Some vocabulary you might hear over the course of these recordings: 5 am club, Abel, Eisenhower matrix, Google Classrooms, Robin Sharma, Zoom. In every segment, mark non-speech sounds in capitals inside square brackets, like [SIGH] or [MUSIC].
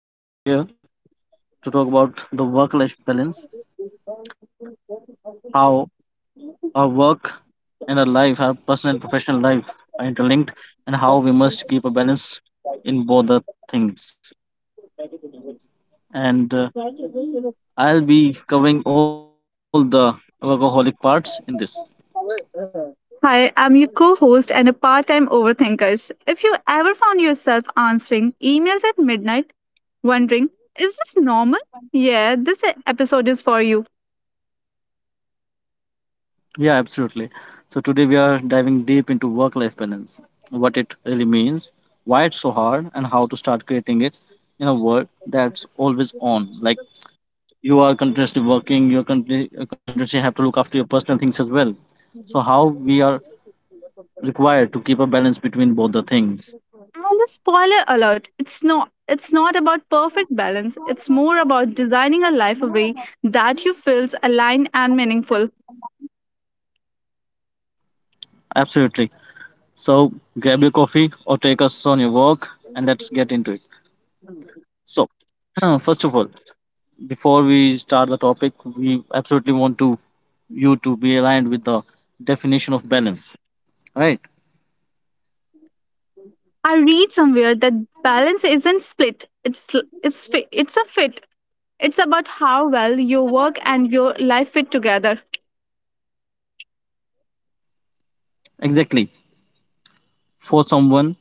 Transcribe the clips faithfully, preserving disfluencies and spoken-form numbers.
Today we are here to talk about the work-life balance, how our work and our life, our personal and professional life are interlinked, and how we must keep a balance in both the things. And uh, I'll be covering all the workaholic parts in this. Hi, I'm your co host and a part time overthinker. If you ever found yourself answering emails at midnight, wondering, is this normal? Yeah, this e- episode is for you. Yeah, absolutely. So today we are diving deep into work-life balance, what it really means, why it's so hard, and how to start creating it in a world that's always on, like you are continuously working you are conti- uh, continuously have to look after your personal things as well. So how we are required to keep a balance between both the things. And a spoiler alert, it's not it's not about perfect balance. It's more about designing a life a way that you feels aligned and meaningful. Absolutely. So grab your coffee or take us on your walk, and let's get into it. So [CLEARS THROAT] first of all, before we start the topic, we absolutely want to you to be aligned with the definition of balance, right? I read somewhere that balance isn't split. It's it's fi- it's a fit. It's about how well your work and your life fit together. Exactly. For someone,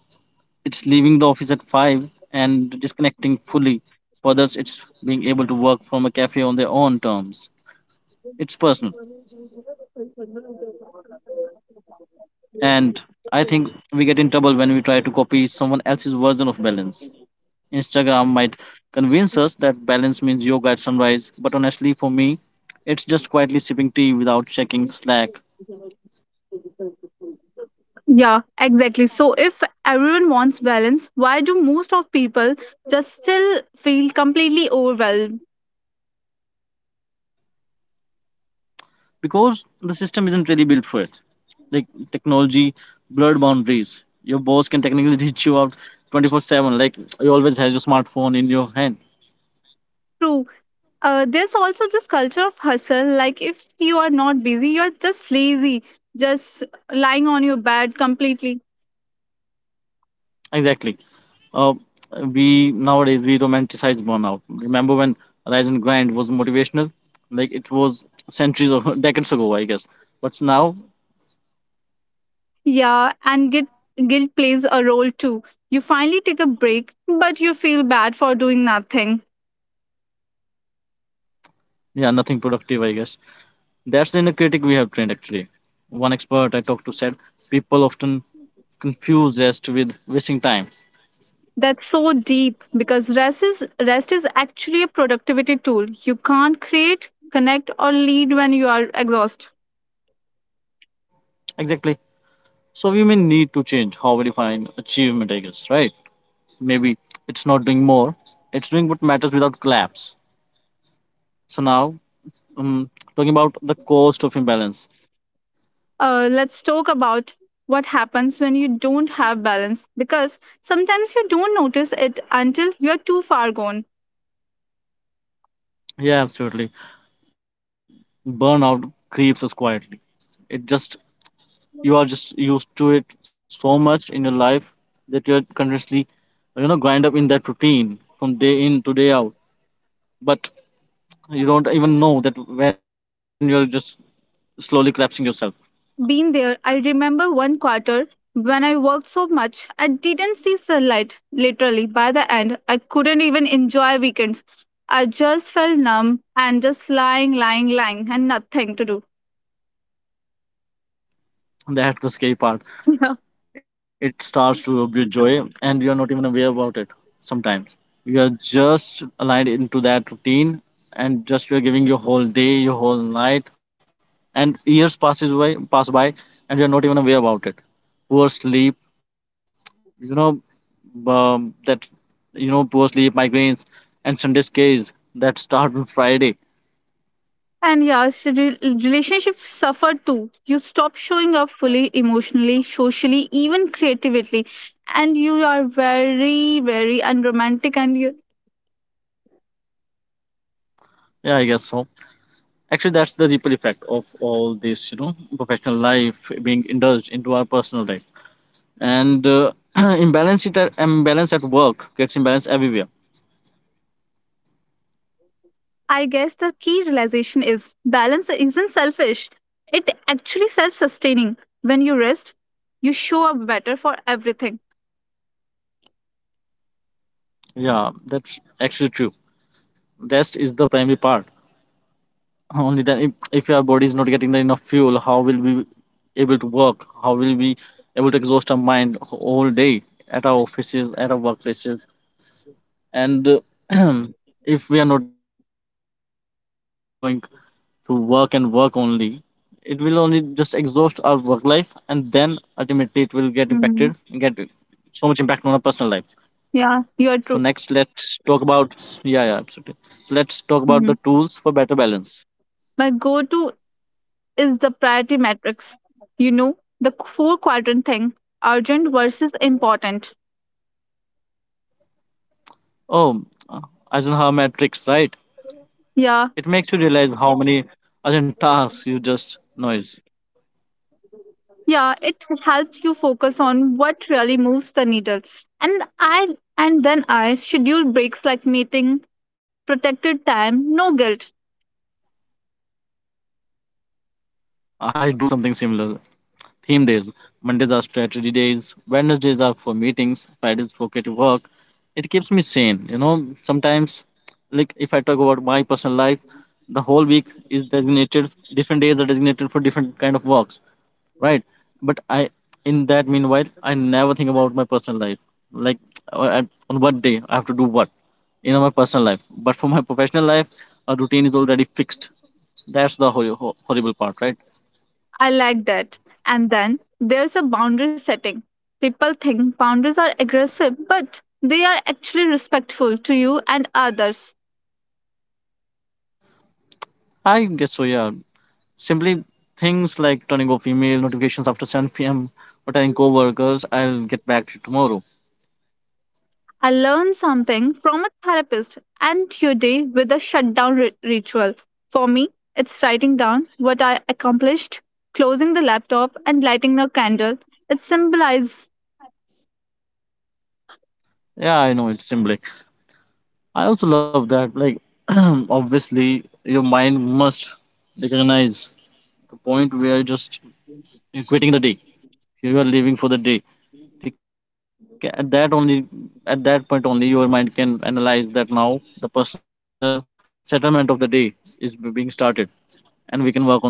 it's leaving the office at five and disconnecting fully. For others, it's being able to work from a cafe on their own terms. It's personal. And I think we get in trouble when we try to copy someone else's version of balance. Instagram might convince us that balance means yoga at sunrise, but honestly, for me, it's just quietly sipping tea without checking Slack Yeah, exactly. So if everyone wants balance, why do most of people just still feel completely overwhelmed? because the system isn't really built for it. Like technology blurred boundaries. Your boss can technically [LAUGHS] reach you out twenty four seven. Like you always have your smartphone in your hand. True. Uh, there's also this culture of hustle. Like if you are not busy, you're just lazy, just lying on your bed completely. Exactly. Uh, we nowadays we romanticize burnout. Remember when Rise and Grind was motivational? Like it was centuries or [LAUGHS] decades ago, I guess. But now, Yeah, and guilt guilt plays a role too. You finally take a break, but you feel bad for doing nothing. yeah, nothing productive, I guess. That's the inner critic we have trained actually. One expert I talked to said people often confuse rest with wasting time. That's so deep because rest is rest is actually a productivity tool. You can't create, connect, or lead when you are exhausted. Exactly. So we may need to change how we define achievement, I guess, right? Maybe it's not doing more, it's doing what matters without collapse. So now, um, talking about the cost of imbalance. Uh, let's talk about what happens when you don't have balance because sometimes you don't notice it until you're too far gone. Yeah, absolutely. Burnout creeps us quietly. It just, you are just used to it so much in your life that you're continuously, you know, grind up in that routine from day in to day out. But you don't even know that when you're just slowly collapsing yourself. Been there. I remember one quarter when I worked so much, I didn't see sunlight. Literally, by the end, I couldn't even enjoy weekends. I just felt numb and just lying, lying, lying, and nothing to do. That's the scary part. [LAUGHS] It starts to rob your joy, and you're not even aware about it sometimes. You're just aligned into that routine, and just you're giving your whole day, your whole night, and years passes by, pass by, and you're not even aware about it. Poor sleep, you know, um, that's you know, poor sleep, migraines, and Sunday scares that start on Friday. And yes, re- relationships suffer too. You stop showing up fully emotionally, socially, even creatively. And you are very, very unromantic. And you, Yeah, I guess so. Actually, that's the ripple effect of all this, you know, professional life being indulged into our personal life. and uh, [CLEARS THROAT] imbalance it at imbalance at work gets imbalance everywhere. I guess the key realization is balance isn't selfish, it actually self sustaining. When you rest, you show up better for everything. Yeah, that's actually true. Rest is the primary part. Only then, if, if your body is not getting the enough fuel, how will we able to work, how will we able to exhaust our mind all day at our offices at our workplaces? And uh, [CLEARS THROAT] if we are not getting the enough rest, we are just only going to work and work only. It will only just exhaust our work life, and then ultimately it will get Mhm. impacted and get so much impact on our personal life. Yeah, you are So true. next let's talk about, yeah yeah absolutely, so let's talk about the Mhm. tools for better balance. My go to is the priority matrix. You know, the four quadrant thing, urgent versus important. Oh. uh, Eisenhower matrix, right? Yeah, It makes you realize how many urgent tasks you just noise. yeah, it helps you focus on what really moves the needle. And i and then i schedule breaks like meeting, protected time, no guilt. I do something similar. Theme days. Mondays are strategy days. Wednesdays are for meetings. Fridays for creative work. It keeps me sane. You know, sometimes, like if I talk about my personal life, the whole week is designated. Different days are designated for different kind of works, right? But I, in that meanwhile, I never think about my personal life. Like uh, I- on what day I have to do what, you know, my personal life. But for my professional life, a routine is already fixed. That's the hor- hor- horrible part, right? I like that. And then there's a boundary setting. People think boundaries are aggressive but they are actually respectful to you and others. I guess so, yeah. Simply things like turning off email notifications after seven p m or telling coworkers I'll get back to you tomorrow. I learned something from a therapist and your day with a shutdown ri- ritual. For me, it's writing down what I accomplished, closing the laptop, and lighting a candle. It symbolizes, Yeah, I know, it's simply. I also love that. Like, [CLEARS THROAT] obviously, your mind must recognize the point where just you're quitting the day. You are leaving for the day. ठीक है? At that only, at that point only, your mind can analyze that now the personal settlement of the day is being started, and we can work on that.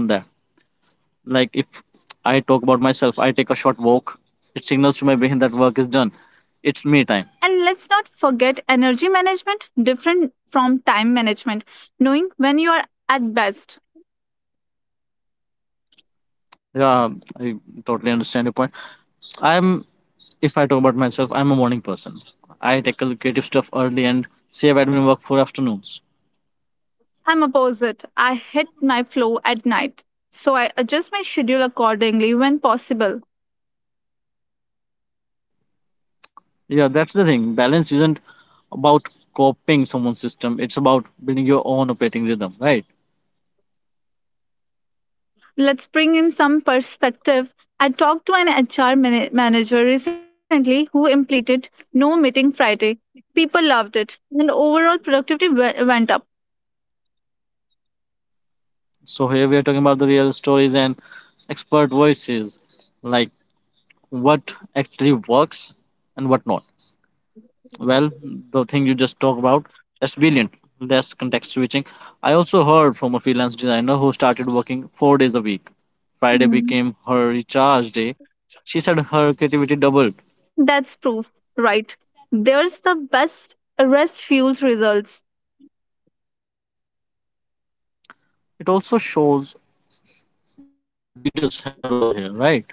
Like if I talk about myself, I take a short walk. It signals to my brain that work is done. It's me time. and let's not forget energy management, different from time management, knowing when you are at best. Yeah, I totally understand your point. I'm If I talk about myself, I'm a morning person. I tackle creative stuff early and save admin work for afternoons. I'm opposite. I hit my flow at night, so I adjust my schedule accordingly when possible. Yeah, that's the thing. Balance isn't about copying someone's system, it's about building your own operating rhythm, right? Let's bring in some perspective. I talked to an H R mana- manager recently who implemented no meeting Friday. People loved it, and overall productivity we- went up. So, here we are talking about the real stories and expert voices, like what actually works and what not. Well, the thing you just talked about, that's brilliant. That's context switching. I also heard from a freelance designer who started working four days a week. Friday Hmm. became her recharge day. She said her creativity doubled. That's proof, right? There's the best rest fuels results. It also shows leaders have a role here, right?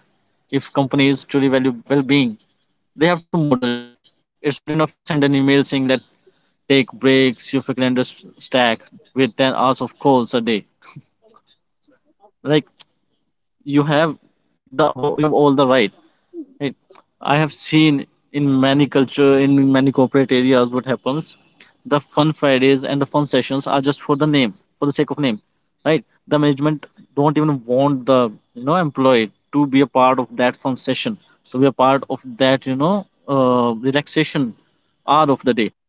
If companies truly value well being, they have to model it. It's not enough to send an email saying that take breaks, your calendar st- stacks with ten hours of calls a day. Like you have the whole- you have all the right. Right. I have seen in many culture, in many corporate areas, what happens. The fun Fridays and the fun sessions are just for the name, for the sake of name, right? The management don't even want the you know employee to be a part of that fun session, to be a part of that you know uh, relaxation hour of the day.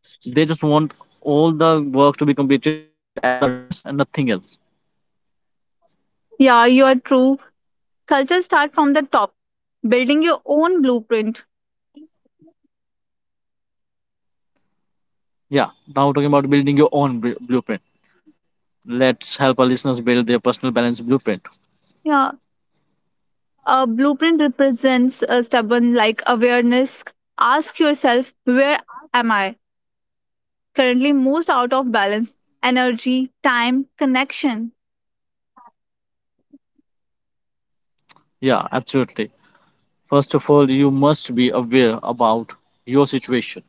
They just want all the work to be completed at the earliest and nothing else. Yeah, you are true. Culture start from the top, building your own blueprint. Yeah. Now talking about building your own bl- blueprint. Let's help our listeners build their personal balance blueprint. Yeah, a blueprint represents a stubborn like awareness. Ask yourself, where am I currently most out of balance? Energy, time, connection. Yeah, absolutely. First of all, you must be aware about your situation,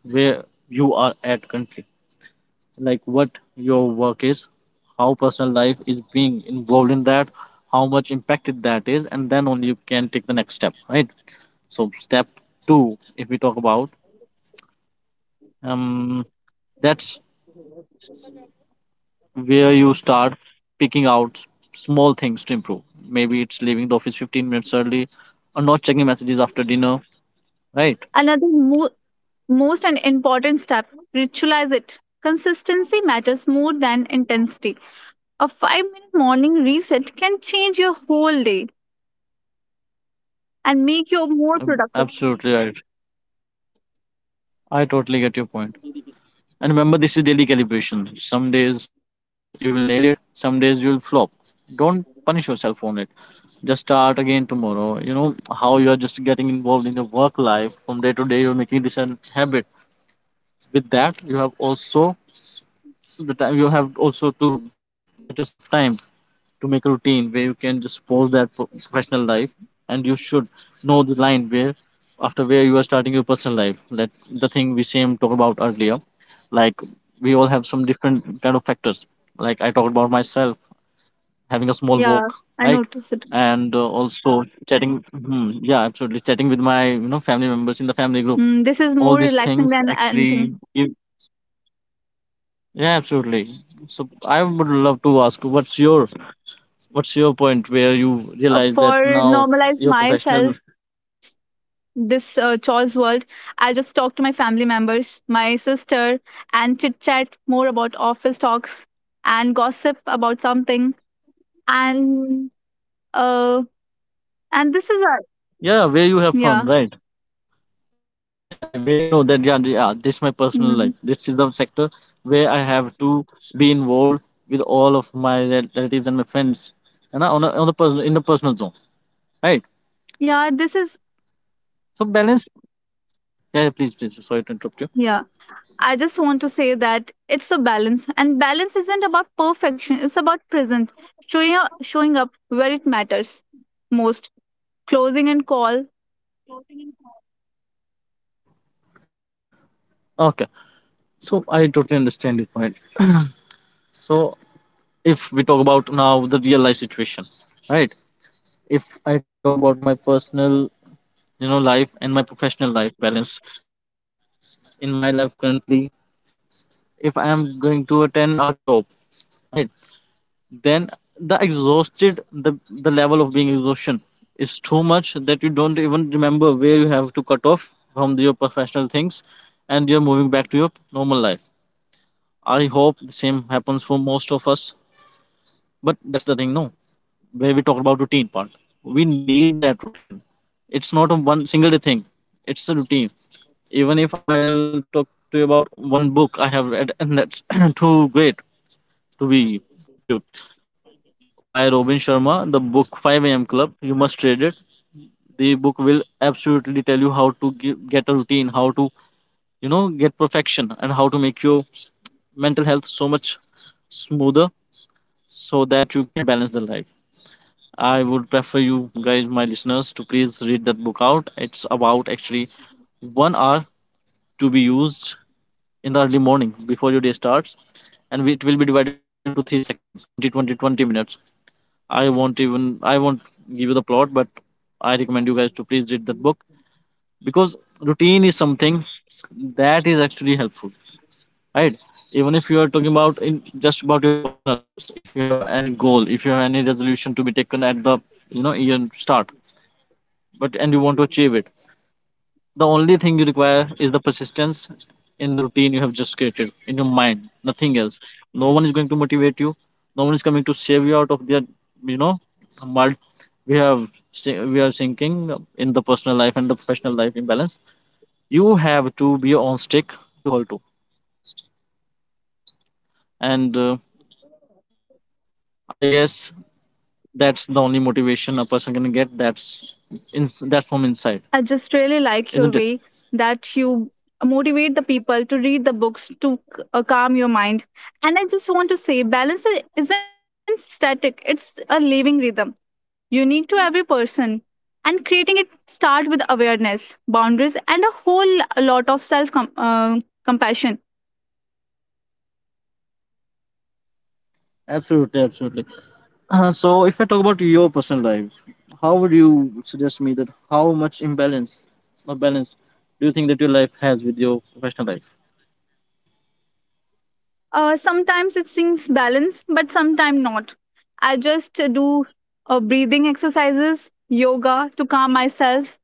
where you are at currently, like what your work is, how personal life is being involved in that, how much impacted that is, and then only you can take the next step, right? So step two, if we talk about, um, that's where you start picking out small things to improve. Maybe it's leaving the office fifteen minutes early, or not checking messages after dinner, right? Another mo- most and important step, ritualize it. Consistency matters more than intensity. A five minute morning reset can change your whole day and make you more Um, productive. Absolutely right. I totally get your point. And remember, this is daily calibration. Some days you will nail it, some days you'll flop. Don't punish yourself on it. Just start again tomorrow. You know how you are just getting involved in your work life from day to day. You're making this an habit. With that, you have also the time. You have also to get yourself time to make a routine where you can just pause that pro- professional life, and you should know the line where after where you are starting your personal life. That's the thing we same talked about earlier. Like we all have some different kind of factors. Like I talked about myself, having a small Yeah, walk, I like noticed it. and uh, also chatting, hmm, yeah, absolutely, chatting with my you know family members in the family group. Mm, this is All more these relaxing things than actually anything. give, yeah, absolutely. So I would love to ask, what's your What's your point where you Uh, realize that for now normalize you're professional? myself this uh, chores world. I just talk to my family members, my sister, and chit chat more about office talks and gossip about something. And uh, and this is a Yeah, where you have fun, yeah, right? Yeah, where you know that yeah, yeah, this is my personal life. This mhm, is the sector where I have to be involved with all of my rel- relatives and my friends, and I- on a, on the personal in the personal zone, right? yeah. This is So balance. Yeah, yeah, please, please. Sorry to interrupt you. yeah. I just want to say that it's a balance, and balance isn't about perfection. It's about present, showing up, showing up where it matters most, closing and call. Okay, so I totally understand your point. So if we talk about now the real life situation, right? If I talk about my personal you know life and my professional life balance in my life currently, if I am going to attend a ten hour job, right, then the exhausted the the level of being exhaustion is too much that you don't even remember where you have to cut off from your professional things and you're moving back to your normal life. I hope the same happens for most of us, but that's the thing, no? Where we talk about routine part, we need that routine. It's not a one single day thing, it's a routine. Even if I'll talk to you about one book I have read, and that's [COUGHS] [CLEARS THROAT] too great to be true, by Robin Sharma, the book five a m club, you must read it. The book will absolutely tell you how to gi- get a routine, how to you know get perfection, and how to make your mental health so much smoother so that you can balance the life. I would prefer you guys, my listeners, to please read that book out. It's about actually one hour to be used in the early morning before your day starts, and it will be divided into three sections, twenty, twenty, twenty minutes. I won't even, I won't give you the plot, but I recommend you guys to please read that book because routine is something that is actually helpful, right? Even if you are talking about in just about your personal life, if you have any goal, if you have any resolution to be taken at the you know year start, but and you want to achieve it, the only thing you require is the persistence in the routine you have just created in your mind, nothing else. No one is going to motivate you, no one is coming to save you out of their you know mud. we have si- we are sinking in the personal life and the professional life imbalance. You have to be your own stick to hold to, and uh, I guess that's the only motivation a person can get. that's in, that's from inside, I just really like your isn't it? way that you motivate the people to read the books to c- uh, calm your mind. And I just want to say, balance i- isn't static, it's a living rhythm, unique to every person. And creating it start with awareness, boundaries, and a whole lot of self com- uh, compassion. Absolutely, absolutely. Uh, so if I talk about your personal life, how would you suggest me that how much imbalance or balance do you think that your life has with your professional life? Uh, sometimes it seems balanced, but sometimes not. I just uh, do uh, breathing exercises, yoga to calm myself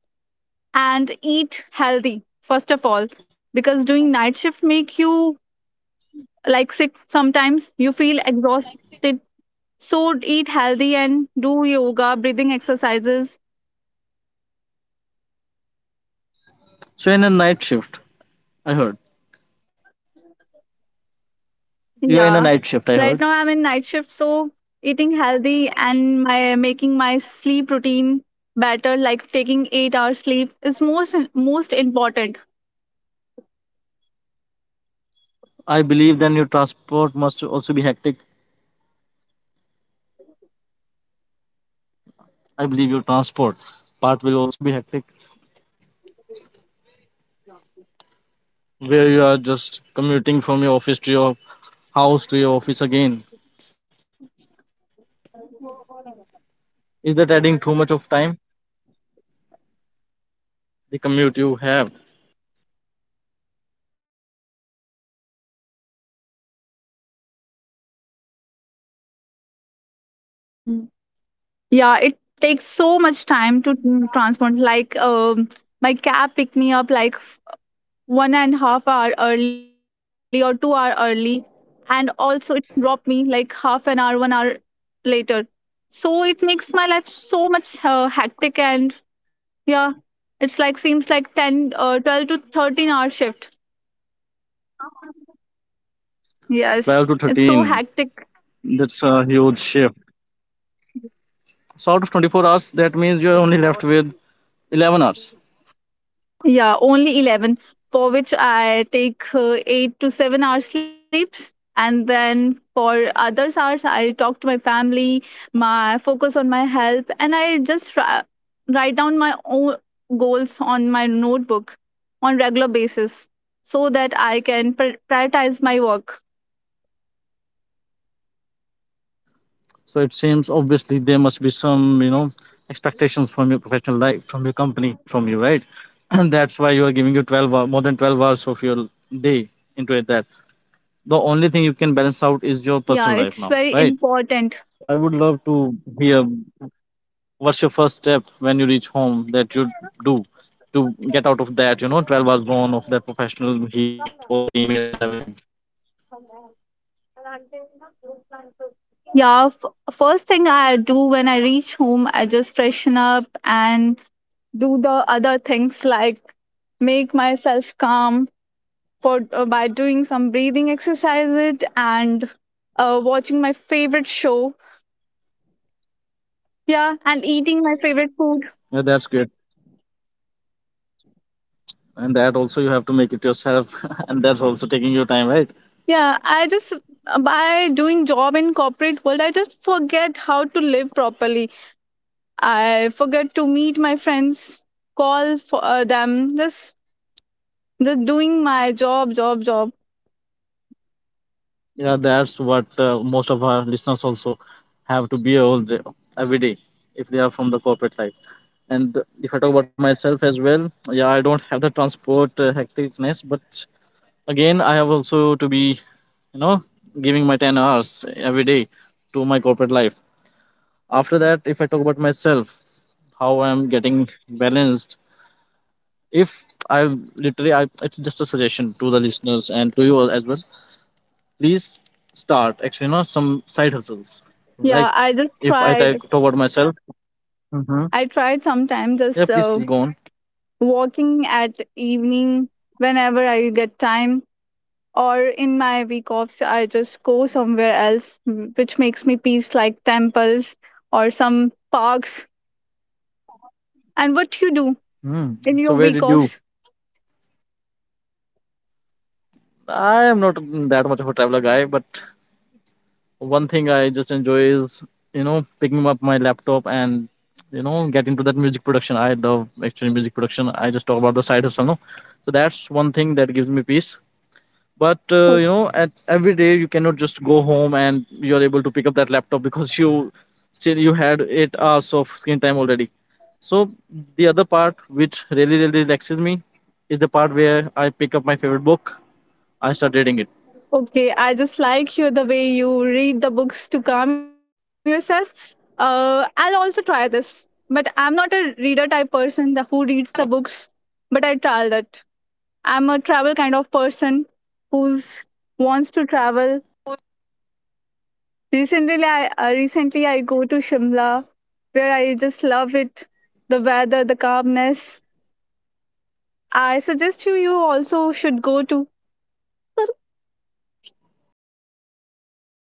and eat healthy first of all, because doing night shift make you like sick. Sometimes you feel exhausted, so eat healthy and do yoga, breathing exercises. So in a night shift, I heard. You are in a Yeah, night shift, I right heard. now I'm in night shift, so eating healthy and my making my sleep routine better, like taking eight hours sleep is most most important. I believe then your transport must also be hectic. I believe your transport part will also be hectic. Where you are just commuting from your office to your house to your office again. Is that adding too much of time? The commute you have, Mm, yeah, it takes so much time to mm, transport, like um my cab picked me up like one and half hour early or two hour early, and also it dropped me like half an hour, one hour later. So it makes my life so much uh, hectic. And yeah, it's like seems like ten uh, twelve to thirteen hour shift. twelve Yes, to it's so thirteen, hectic. that's a huge shift. So out of twenty-four hours, that means you're only left with eleven hours. Yeah, only eleven, for which I take uh, eight to seven hours sleeps. And then for others hours, I talk to my family, my focus on my health, and I just ra- write down my own goals on my notebook on regular basis so that I can pri- prioritize my work. So it seems obviously there must be some, you know, expectations from your professional life, from your company, from you, right? [CLEARS THROAT] And that's why you are giving you twelve hour, more than twelve hours of your day into it. That the only thing you can balance out is your Yeah, personal life it's now, very right? important. I would love to hear what's your first step when you reach home that you do to get out of that, you know, twelve hour zone of that professional hearings, all that emails and everything. Yeah, f- first thing I do when I reach home, I just freshen up and do the other things like make myself calm for, uh, by doing some breathing exercises and uh, watching my favorite show. Yeah, and eating my favorite food. Yeah, that's great. And that also you have to make it yourself [LAUGHS] and that's also taking your time, right? Yeah, I just uh, by doing job in corporate world, I just forget how to live properly. I forget to meet my friends, call for uh, them, just just doing my job, job, job. Yeah, that's what uh, most of our listeners also have to be, all day, every day, if they are from the corporate life. And if I talk about myself as well, yeah, I don't have the transport uh, hecticness, but again I have also to be, you know giving my ten hours every day to my corporate life. After that, if I talk about myself, how I'm getting balanced, if I literally I, it's just a suggestion to the listeners and to you all as well. Please start actually, you know, some side hustles, like Yeah, I just if i tried. talk talk about myself. Hmm, I tried sometime yeah, please, just please, go uh, on. walking at evening whenever I get time, or in my week off, I just go somewhere else, wh- which makes me peace, like temples or some parks. And what you do Hmm. in So where your did week you? offs? I am not that much of a traveler guy, but one thing I just enjoy is, you know, picking up my laptop and, you know, get into that music production. I love actually music production. I just talk about the side hustle, no? So that's one thing that gives me peace. But uh, you know, at every day you cannot just go home and you're able to pick up that laptop because you, still you had eight hours of screen time already. So the other part which really really relaxes me is the part where I pick up my favorite book, I start reading it. Okay, I just like you the way you read the books to calm yourself. Uh, I'll also try this, but I'm not a reader type person the who reads the books. But I tried that. I'm a travel kind of person who's wants to travel. Recently, I uh, recently I go to Shimla, where I just love it, the weather, the calmness. I suggest you you also should go to.